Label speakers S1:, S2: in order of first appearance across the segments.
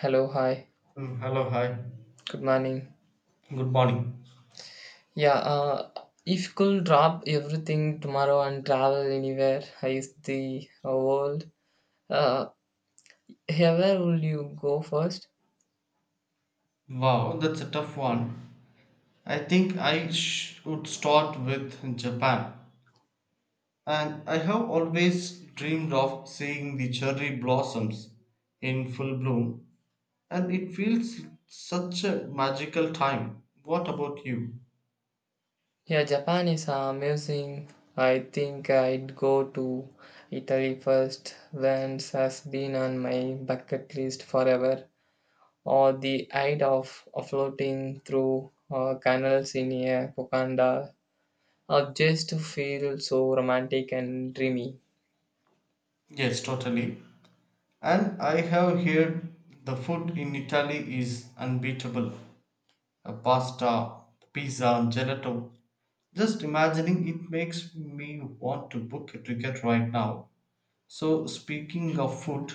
S1: Hello, hi.
S2: Hello, hi.
S1: Good morning.
S2: Good morning.
S1: Yeah, uh, if you could drop everything tomorrow and travel anywhere is the world, uh, yeah, where will you go first?
S2: Wow, that's a tough one. I think I would start with Japan. And I have always dreamed of seeing the cherry blossoms in full bloom, and it feels such a magical time. What about you?
S1: Yeah, Japan is amazing. I think I'd go to Italy first. Venice has been on my bucket list forever. Or the idea of floating through canals in a Wakanda, or just to feel so romantic and dreamy.
S2: Yes, totally. And I have heard the food in Italy is unbeatable. A pasta, pizza, gelato, just imagining it makes me want to book a ticket right now. So, speaking of food,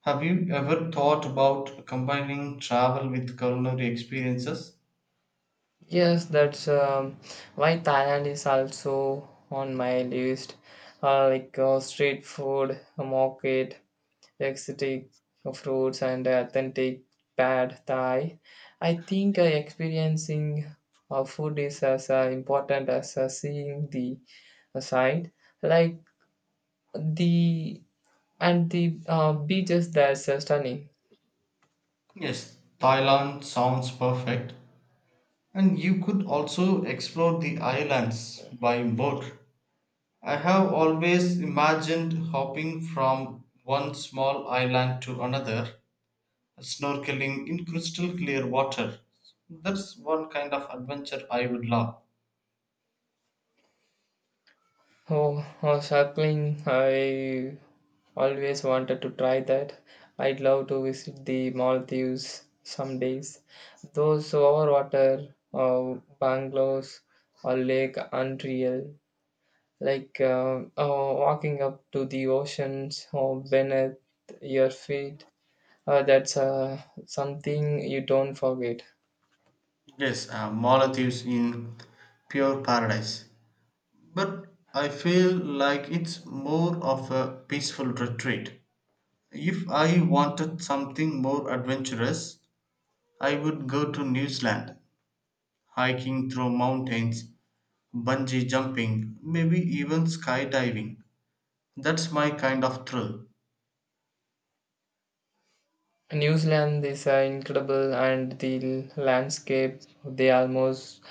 S2: have you ever thought about combining travel with culinary experiences?
S1: Yes, that's why Thailand is also on my list. Street food, a market, exotic fruits, and authentic pad Thai. I think experiencing food is as important as seeing the sight. Like the and the beaches, that's stunning.
S2: Yes, Thailand sounds perfect. And you could also explore the islands by boat. I have always imagined hopping from one small island to another, snorkeling in crystal clear water. That's one kind of adventure I would love.
S1: Oh, Cycling, I always wanted to try that. I'd love to visit the Maldives some days. Those overwater bungalows or lake unreal. Walking up to the oceans or beneath your feet. That's Something you don't forget.
S2: Yes, Maldives in pure paradise. But I feel like it's more of a peaceful retreat. If I wanted something more adventurous, I would go to New Zealand, hiking through mountains, bungee jumping, maybe even skydiving. That's my kind of thrill.
S1: New Zealand is incredible and the landscape, they almost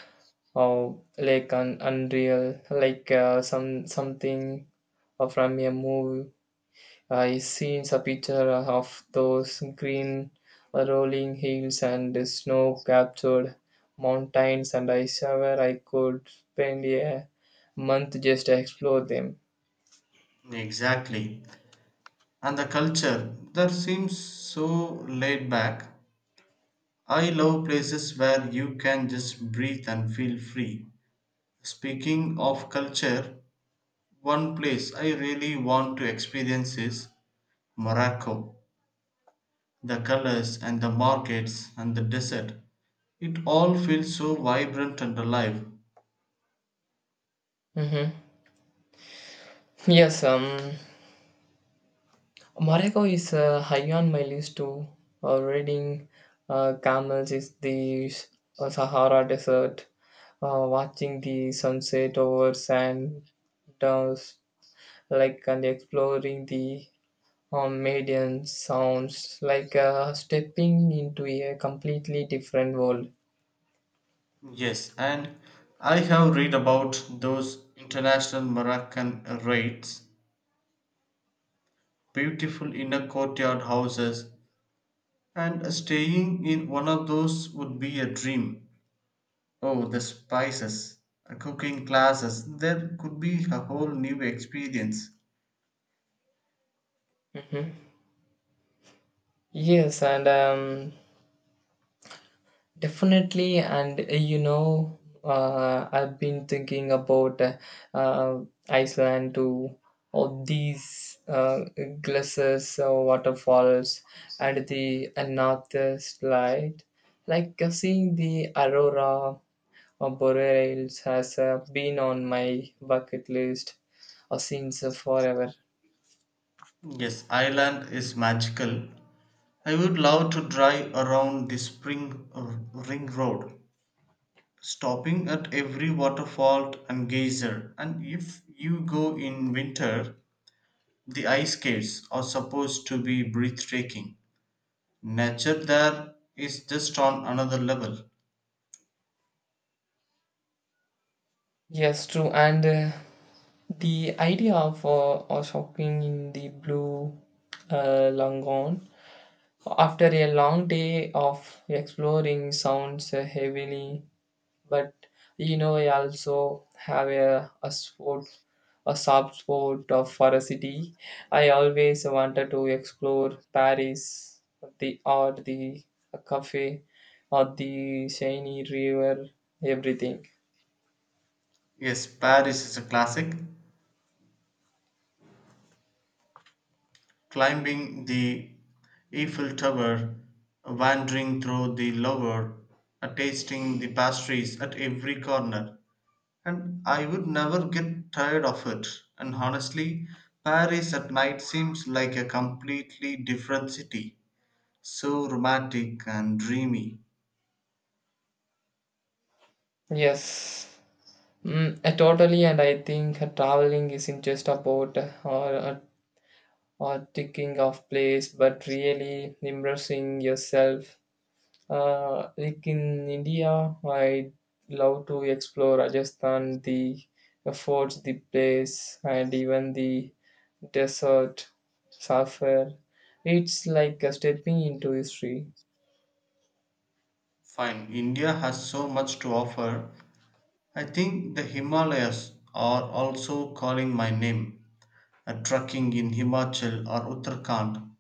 S1: Oh, like an unreal, like something from a movie. I seen a picture of those green rolling hills and the snow-capped mountains, and I swear I could spend a month just to explore them.
S2: Exactly. And the culture there seems so laid back. I love places where you can just breathe and feel free. Speaking of culture, one place I really want to experience is Morocco. The colors and the markets and the desert, it all feels so vibrant and alive.
S1: Mm-hmm. Yes, Morocco is high on my list too. Reading camels is the Sahara Desert, watching the sunset over sand dunes, and exploring the median sounds like stepping into a completely different world.
S2: Yes, and I have read about those international Moroccan raids, beautiful inner courtyard houses, and staying in one of those would be a dream. Oh, the spices, cooking classes, there could be a whole new experience.
S1: Mhm. Yes, and Definitely, and I've been thinking about uh, Iceland too. All these glaciers, waterfalls, and the northeast light. Seeing the aurora or boreals has been on my bucket list since forever.
S2: Yes, Ireland is magical. I would love to drive around the spring ring road, stopping at every waterfall and geyser. And if you go in winter, the ice caves are supposed to be breathtaking. Nature there is just on another level.
S1: Yes, true. And the idea of shopping in the blue Langon after a long day of exploring sounds heavily, but you know, I also have a soft spot of for a city. I always wanted to explore Paris, the art, the cafe, or the shiny river, everything.
S2: Yes, Paris is a classic: climbing the Eiffel Tower, wandering through the Louvre, tasting the pastries at every corner, and I would never get tired of it. And honestly, Paris at night seems like a completely different city, so romantic and dreamy.
S1: Yes. Totally, and I think traveling isn't just about or ticking off place, but really immersing yourself. Like in India, I love to explore Rajasthan, the forts, the place, and even the desert, Safar. It's like stepping into history.
S2: Fine, India has so much to offer. I think the Himalayas are also calling my name. Trekking in Himachal or Uttarakhand,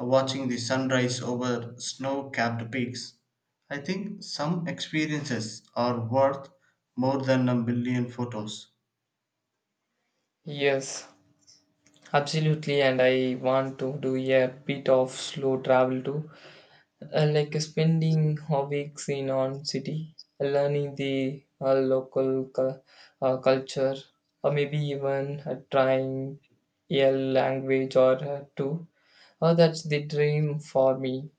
S2: watching the sunrise over snow capped peaks. I think some experiences are worth more than a million photos.
S1: Yes, absolutely, and I want to do a bit of slow travel too. Like spending a weeks in on city, learning the culture, or maybe even trying a language or two. Oh, that's the dream for me.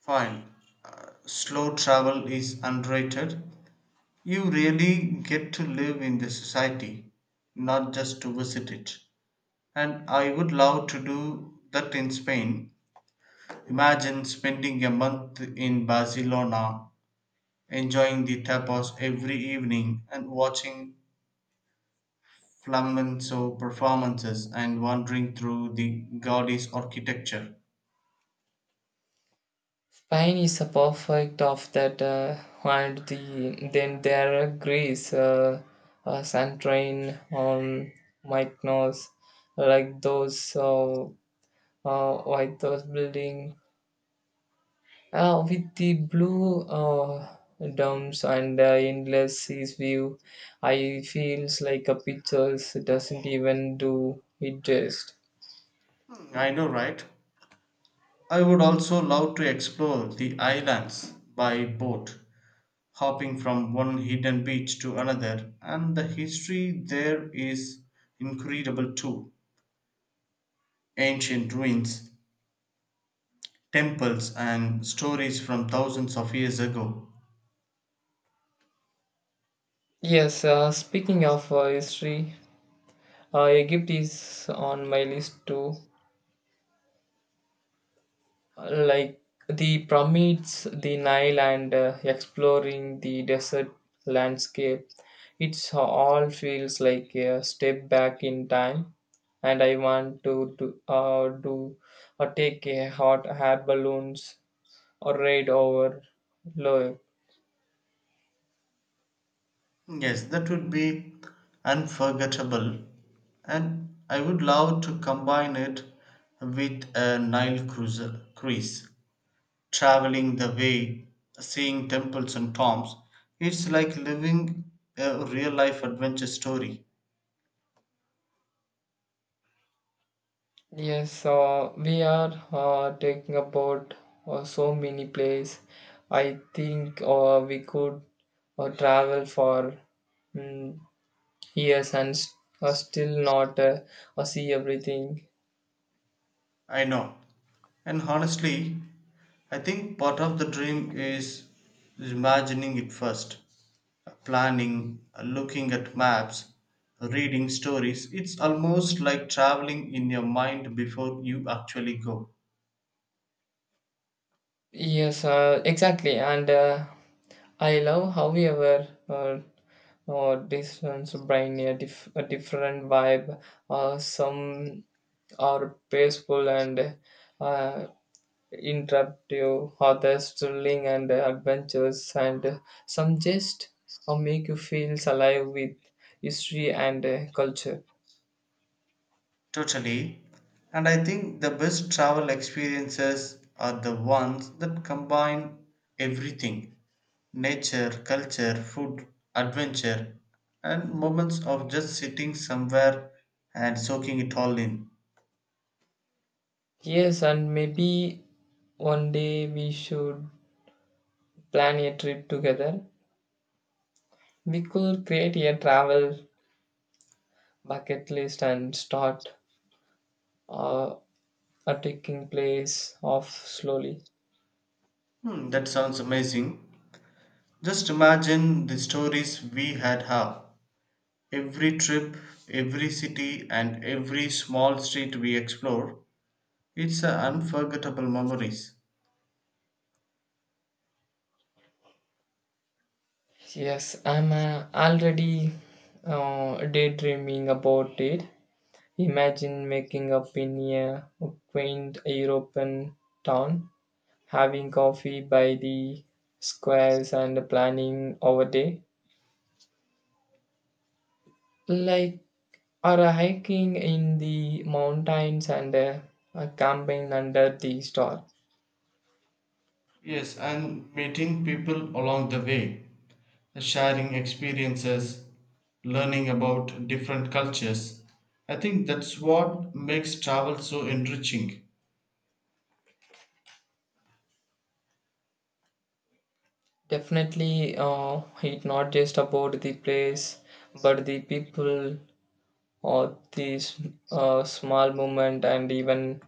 S2: Fine, slow travel is underrated. You really get to live in the society, not just to visit it. And I would love to do that in Spain. Imagine spending a month in Barcelona, enjoying the tapas every evening and watching flamenco performances and wandering through the Gaudi's architecture.
S1: Spain is a perfect of that, and then there are Greece, Santorin, Mykonos, like those, uh, like those building with the blue domes and the endless seas view, I feels like a pictures doesn't even do it just.
S2: I know, right? I would also love to explore the islands by boat, hopping from one hidden beach to another, and the history there is incredible too. Ancient ruins, temples, and stories from thousands of years ago.
S1: Yes, speaking of history, Egypt is on my list too. Like the pyramids, the Nile, and exploring the desert landscape. It's all feels like a step back in time, and I want to do or take a hot air balloons or ride over Loire.
S2: Yes, that would be unforgettable, and I would love to combine it with a Nile cruiser cruise, traveling the way, seeing temples and tombs. It's like living a real life adventure story.
S1: Yes, so we are taking about so many places. I think we could travel for mm Yes, and s- still not see everything.
S2: I know. And honestly, I think part of the dream is imagining it first. Planning, looking at maps, reading stories. It's almost like traveling in your mind before you actually go.
S1: Yes, exactly. And I love, however, this one's brain a different vibe. Some are peaceful and uh, interruptive, others thrilling and adventurous, and some just make you feel alive with history and culture.
S2: Totally. And I think the best travel experiences are the ones that combine everything: nature, culture, food, adventure, and moments of just sitting somewhere and soaking it all in.
S1: Yes, and maybe one day we should plan a trip together. We could create a travel bucket list and start uh, a taking place of slowly.
S2: Hmm, that sounds amazing. Just imagine the stories we had have. Every trip, every city, and every small street we explore, it's a unforgettable memories.
S1: Yes, I'm already daydreaming about it. Imagine making up in a quaint European town, having coffee by the squares, and planning our day. like or a hiking in the mountains and a camping under the star.
S2: Yes, and meeting people along the way, sharing experiences, learning about different cultures. I think that's what makes travel so enriching.
S1: Definitely, it's not just about the place, but the people or the small moment and even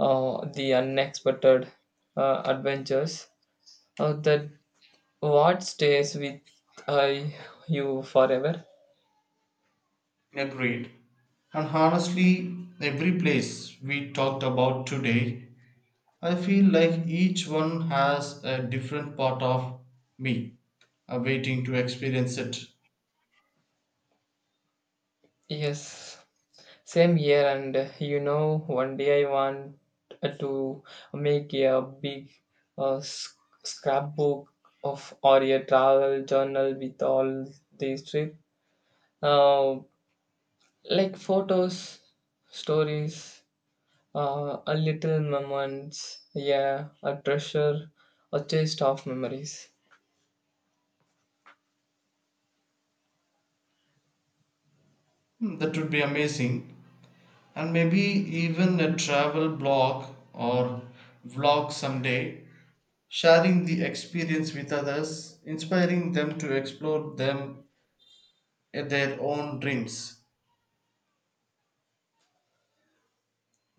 S1: the unexpected adventures that what stays with uh, you forever.
S2: Agreed. And honestly, every place we talked about today, I feel like each one has a different part of me waiting to experience it.
S1: Yes. Same here, and one day I want to make a big scrapbook of or a travel journal with all these trips, uh, like photos, stories, a little moments, yeah, a treasure, a chest of memories.
S2: Hmm, that would be amazing, and maybe even a travel blog or vlog someday, sharing the experience with others, inspiring them to explore them their own dreams.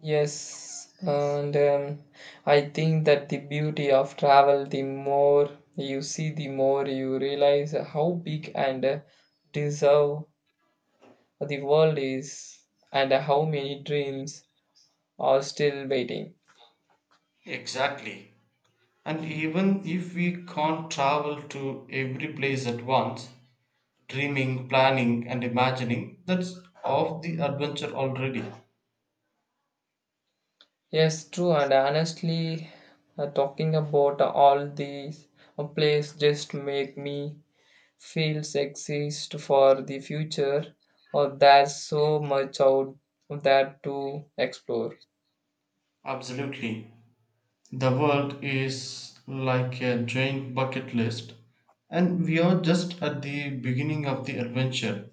S1: Yes, and I think that the beauty of travel, the more you see, the more you realize how big and deserve the world is, and how many dreams are still waiting.
S2: Exactly. And even if we can't travel to every place at once, dreaming, planning, and imagining, that's of the adventure already.
S1: Yes, true, and honestly, talking about all these plays just make me feel exist for the future, or there's so much out there to explore.
S2: Absolutely. The world is like a giant bucket list, and we are just at the beginning of the adventure.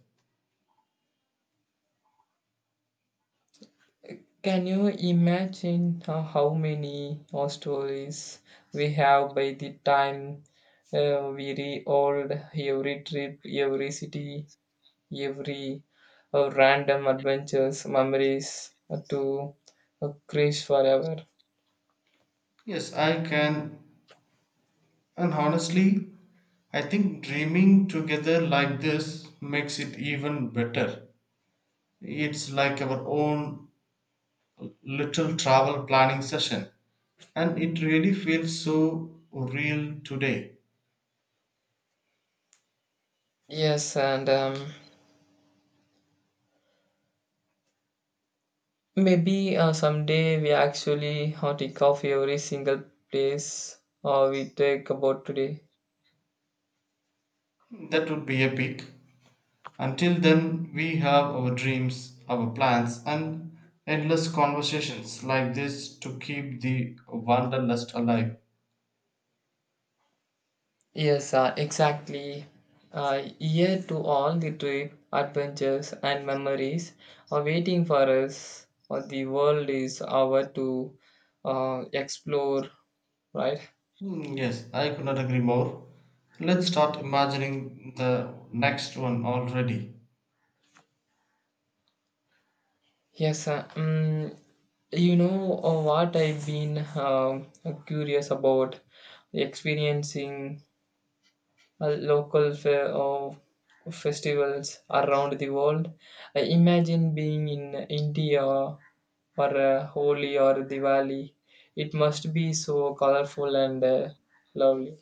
S1: Can you imagine how many more stories we have by the time we re-old every trip, every city, every random adventures, memories to crash forever?
S2: Yes, I can, and honestly, I think dreaming together like this makes it even better. It's like our own little travel planning session, and it really feels so real today.
S1: Yes, and maybe someday we actually take off every single place we take about today.
S2: That would be epic. Until then, we have our dreams, our plans, and endless conversations like this to keep the wanderlust alive.
S1: Yes, exactly. Year to all the trip, adventures, and memories are waiting for us. The world is our to explore, right?
S2: Hmm, yes, I could not agree more. Let's start imagining the next one already.
S1: Yes, uh, um, you know what I've been curious about experiencing local fair or festivals around the world. I imagine being in India or Holi or Diwali. It must be so colorful and lovely.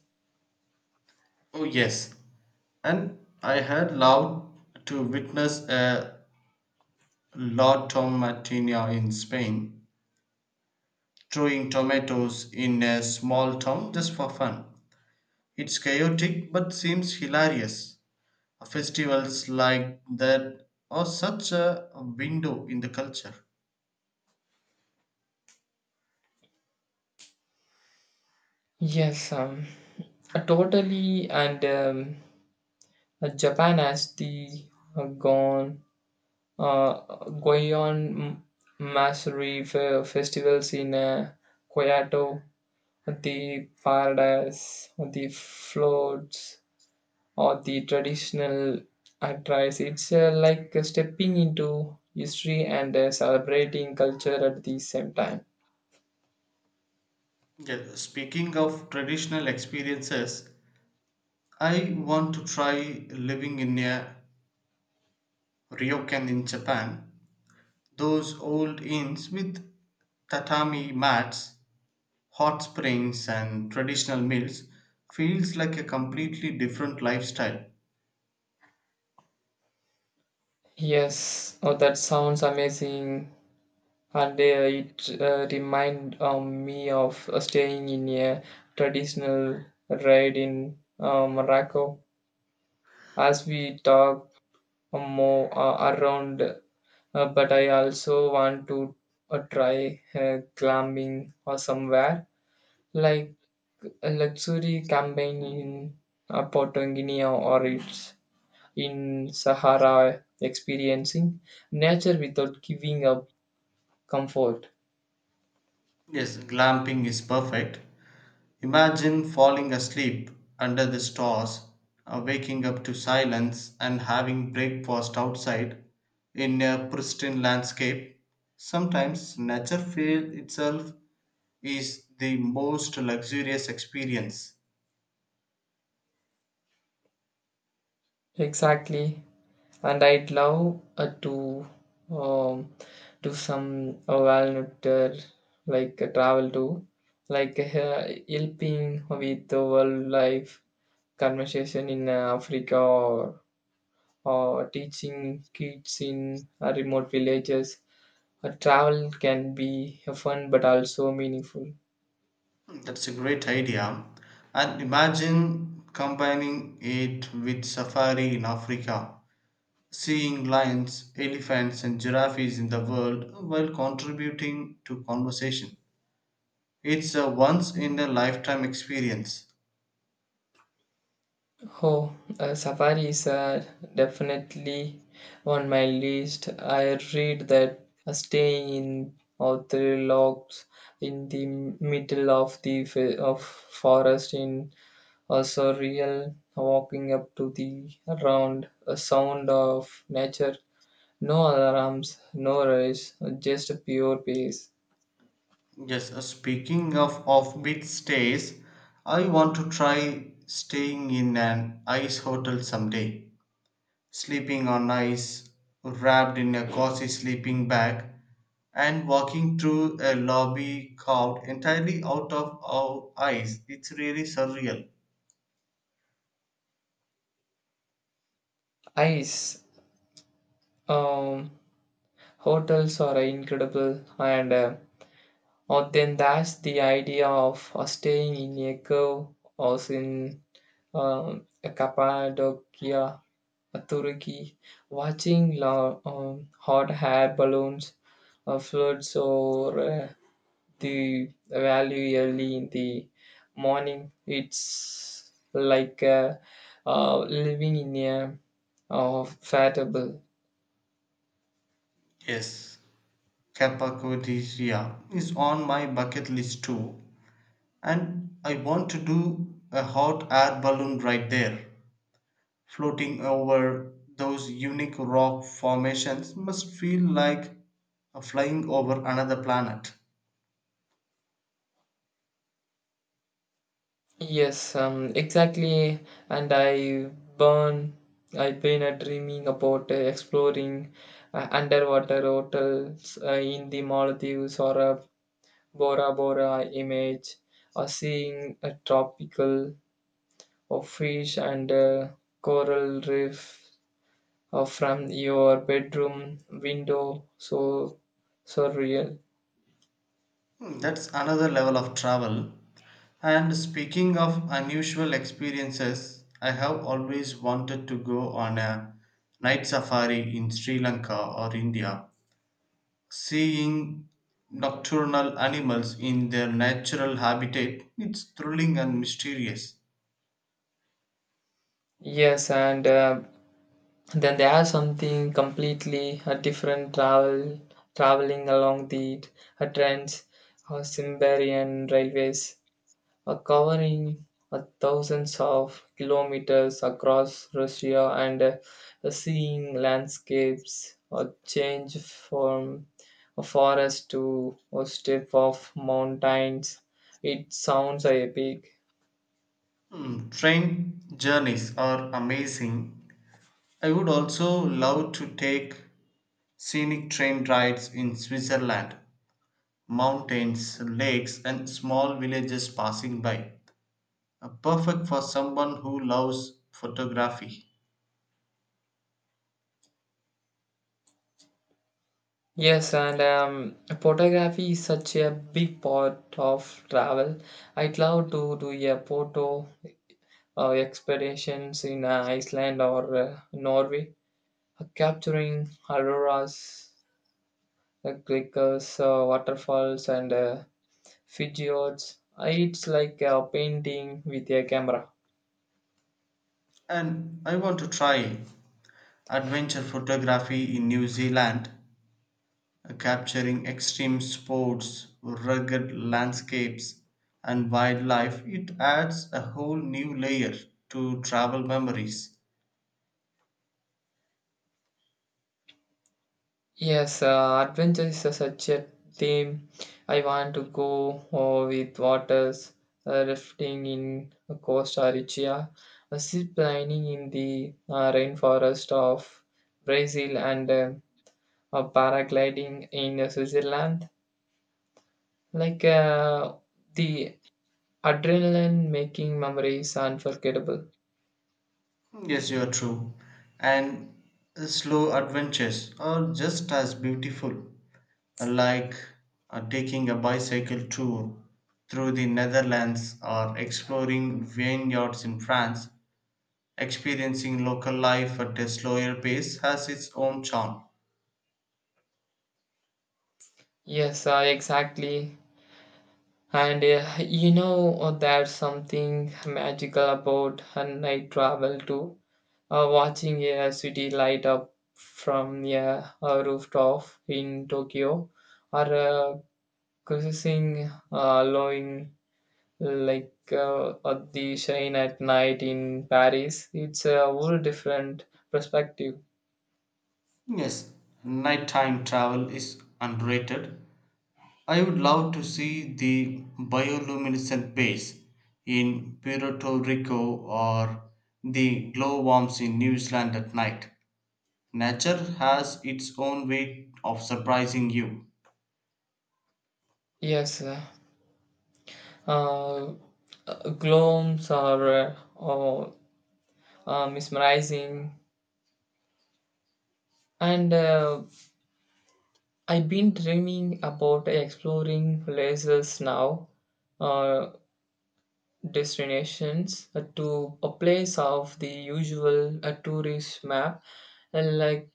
S2: Oh, yes. And I had loved to witness a La Tomatina in Spain, throwing tomatoes in a small town just for fun. It's chaotic but seems hilarious. Festivals like that are such a window in the culture.
S1: Yes, um, Totally. And Japan has the uh, Gon, uh, Goyon Masuri festivals in Kyoto. The paradise, the floats, or the traditional attires. It's like stepping into history and celebrating culture at the same time.
S2: Yeah, speaking of traditional experiences, I want to try living in a ryokan in Japan. Those old inns with tatami mats, hot springs, and traditional meals feels like a completely different lifestyle.
S1: Yes, oh, that sounds amazing. And it remind me of staying in a traditional ride in Morocco. As we talk, more around but I also want to try climbing or somewhere like a luxury campaign in Porto Guinea or it's in Sahara experiencing nature without giving up comfort.
S2: Yes, glamping is perfect. Imagine falling asleep under the stars, waking up to silence, and having breakfast outside in a pristine landscape. Sometimes nature feel itself is the most luxurious experience.
S1: Exactly, and I'd love to um, do some walnut travel to helping with the wildlife conversation in Africa or teaching kids in remote villages. A travel can be fun but also meaningful.
S2: That's a great idea. And imagine combining it with safari in Africa, seeing lions, elephants, and giraffes in the world while contributing to conversation. It's a once in a lifetime experience.
S1: Oh, safaris are definitely on my list. I read that staying in outer logs in the middle of the fe- of forest in a surreal walking up to the round a sound of nature. No alarms, no rush, just pure peace.
S2: Yes, speaking of offbeat stays, I want to try staying in an ice hotel someday. Sleeping on ice, wrapped in a cozy sleeping bag, and walking through a lobby carved entirely out of our ice. It's really surreal.
S1: Ice. Um, Hotels are incredible. And. Uh, Or then that's the idea of staying in a cave or in Cappadocia, Turkey, watching hot air balloons floats over the valley early in the morning. It's like living in a fat bubble.
S2: Yes, Cappadocia is on my bucket list too. And I want to do a hot air balloon ride there. Floating over those unique rock formations must feel like a flying over another planet.
S1: Yes, exactly. And burn, I been dreaming about exploring underwater hotels in the Maldives or Bora Bora image, or seeing a tropical of fish and coral reef or from your bedroom window. So real.
S2: Hmm, that's another level of travel. And speaking of unusual experiences, I have always wanted to go on a night safari in Sri Lanka or India. Seeing nocturnal animals in their natural habitat its thrilling and mysterious.
S1: Yes, and then there are something completely different traveling along the trends or Siberian railways covering thousands of kilometers across Russia and seeing landscapes or change from a forest to a steppe of mountains. It sounds epic.
S2: Hmm, train journeys are amazing. I would also love to take scenic train rides in Switzerland, mountains, lakes, and small villages passing by. Perfect for someone who loves photography.
S1: Yes, and photography is such a big part of travel. I'd love to do a photo expeditions in Iceland or Norway, capturing auroras, clickers, waterfalls, and fjords. It's like painting with a camera.
S2: And I want to try adventure photography in New Zealand, capturing extreme sports, rugged landscapes, and wildlife. It adds a whole new layer to travel memories.
S1: Yes, adventure is such a theme. I want to go with waters, rafting in Costa Rica, zip lining in the rainforest of Brazil, and paragliding in Switzerland. Like the adrenaline making memories unforgettable.
S2: Yes, you are true. And slow adventures are just as beautiful, like taking a bicycle tour through the Netherlands or exploring vineyards in France. Experiencing local life at a slower pace has its own charm.
S1: Yes, exactly. And there's something magical about night travel too. Watching a city light up from a rooftop in Tokyo, or cruising along at the shine at night in Paris, it's a whole different perspective.
S2: Yes, nighttime travel is underrated. I would love to see the bioluminescent base in Puerto Rico or the glowworms in New Zealand at night. Nature has its own way of surprising you.
S1: Yes, uh, glooms are mesmerizing, and I've been dreaming about exploring places now. Uh, Destinations to a place of the usual tourist map, like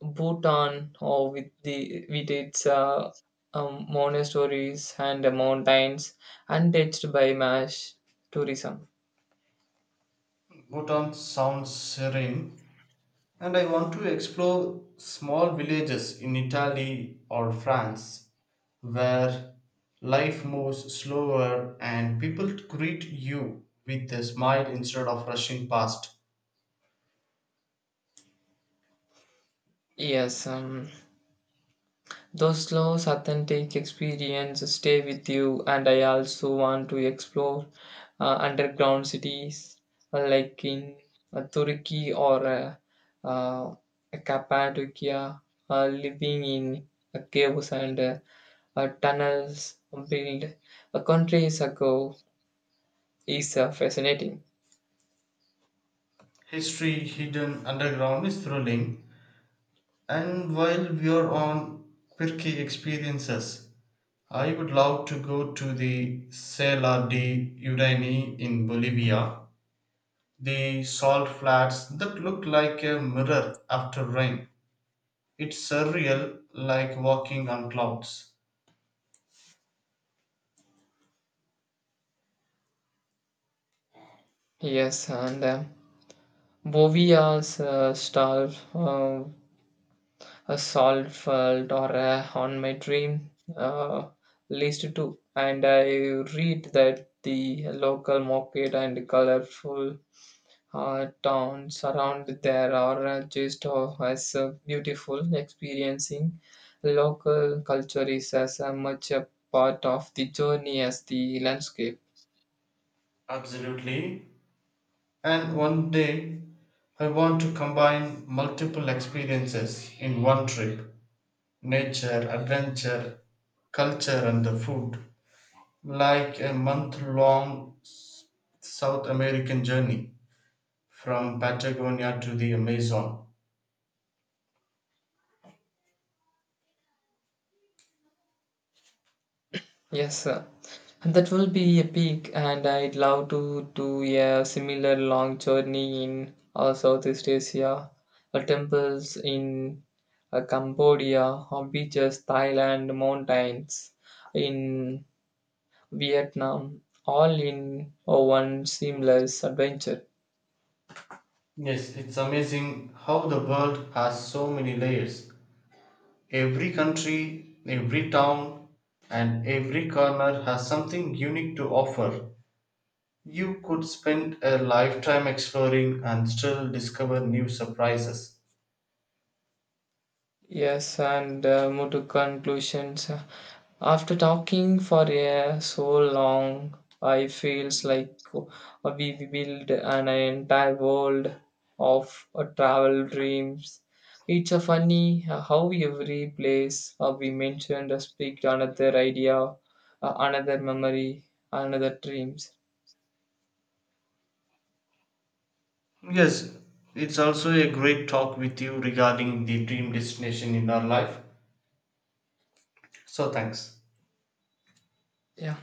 S1: Bhutan or with its monasteries and mountains, untouched by mass tourism.
S2: Bhutan sounds serene, and I want to explore small villages in Italy or France where life moves slower and people greet you with a smile instead of rushing past.
S1: Yes, those slow, authentic experiences stay with you, and I also want to explore underground cities like in Turkey or uh, Cappadocia, living in caves and tunnels built a countries ago is fascinating.
S2: History hidden underground is thrilling. And while we are on quirky experiences, I would love to go to the Sela de Udani in Bolivia, the salt flats that look like a mirror after rain. It's surreal, like walking on clouds.
S1: Yes, and Bowie also starved a salt felt or a on my dream uh, list too. And I read that the local market and colorful towns around there are just as beautiful. Experiencing local culture is as much a part of the journey as the landscape.
S2: Absolutely. And one day, I want to combine multiple experiences in one trip: nature, adventure, culture, and the food. Like a month long South American journey from Patagonia to the Amazon.
S1: Yes, sir. And that will be epic, and I'd love to do a similar long journey in Southeast Asia, temples in Cambodia, or beaches, Thailand, mountains in Vietnam, all in one seamless adventure.
S2: Yes, it's amazing how the world has so many layers. Every country, every town, and every corner has something unique to offer. You could spend a lifetime exploring and still discover new surprises.
S1: Yes, and move to conclusions. After talking for so long, I feels like we build an entire world of travel dreams. It's a funny how every place we mentioned speak to another idea, another memory, another dreams.
S2: Yes, it's also a great talk with you regarding the dream destination in our life. So, thanks.
S1: Yeah.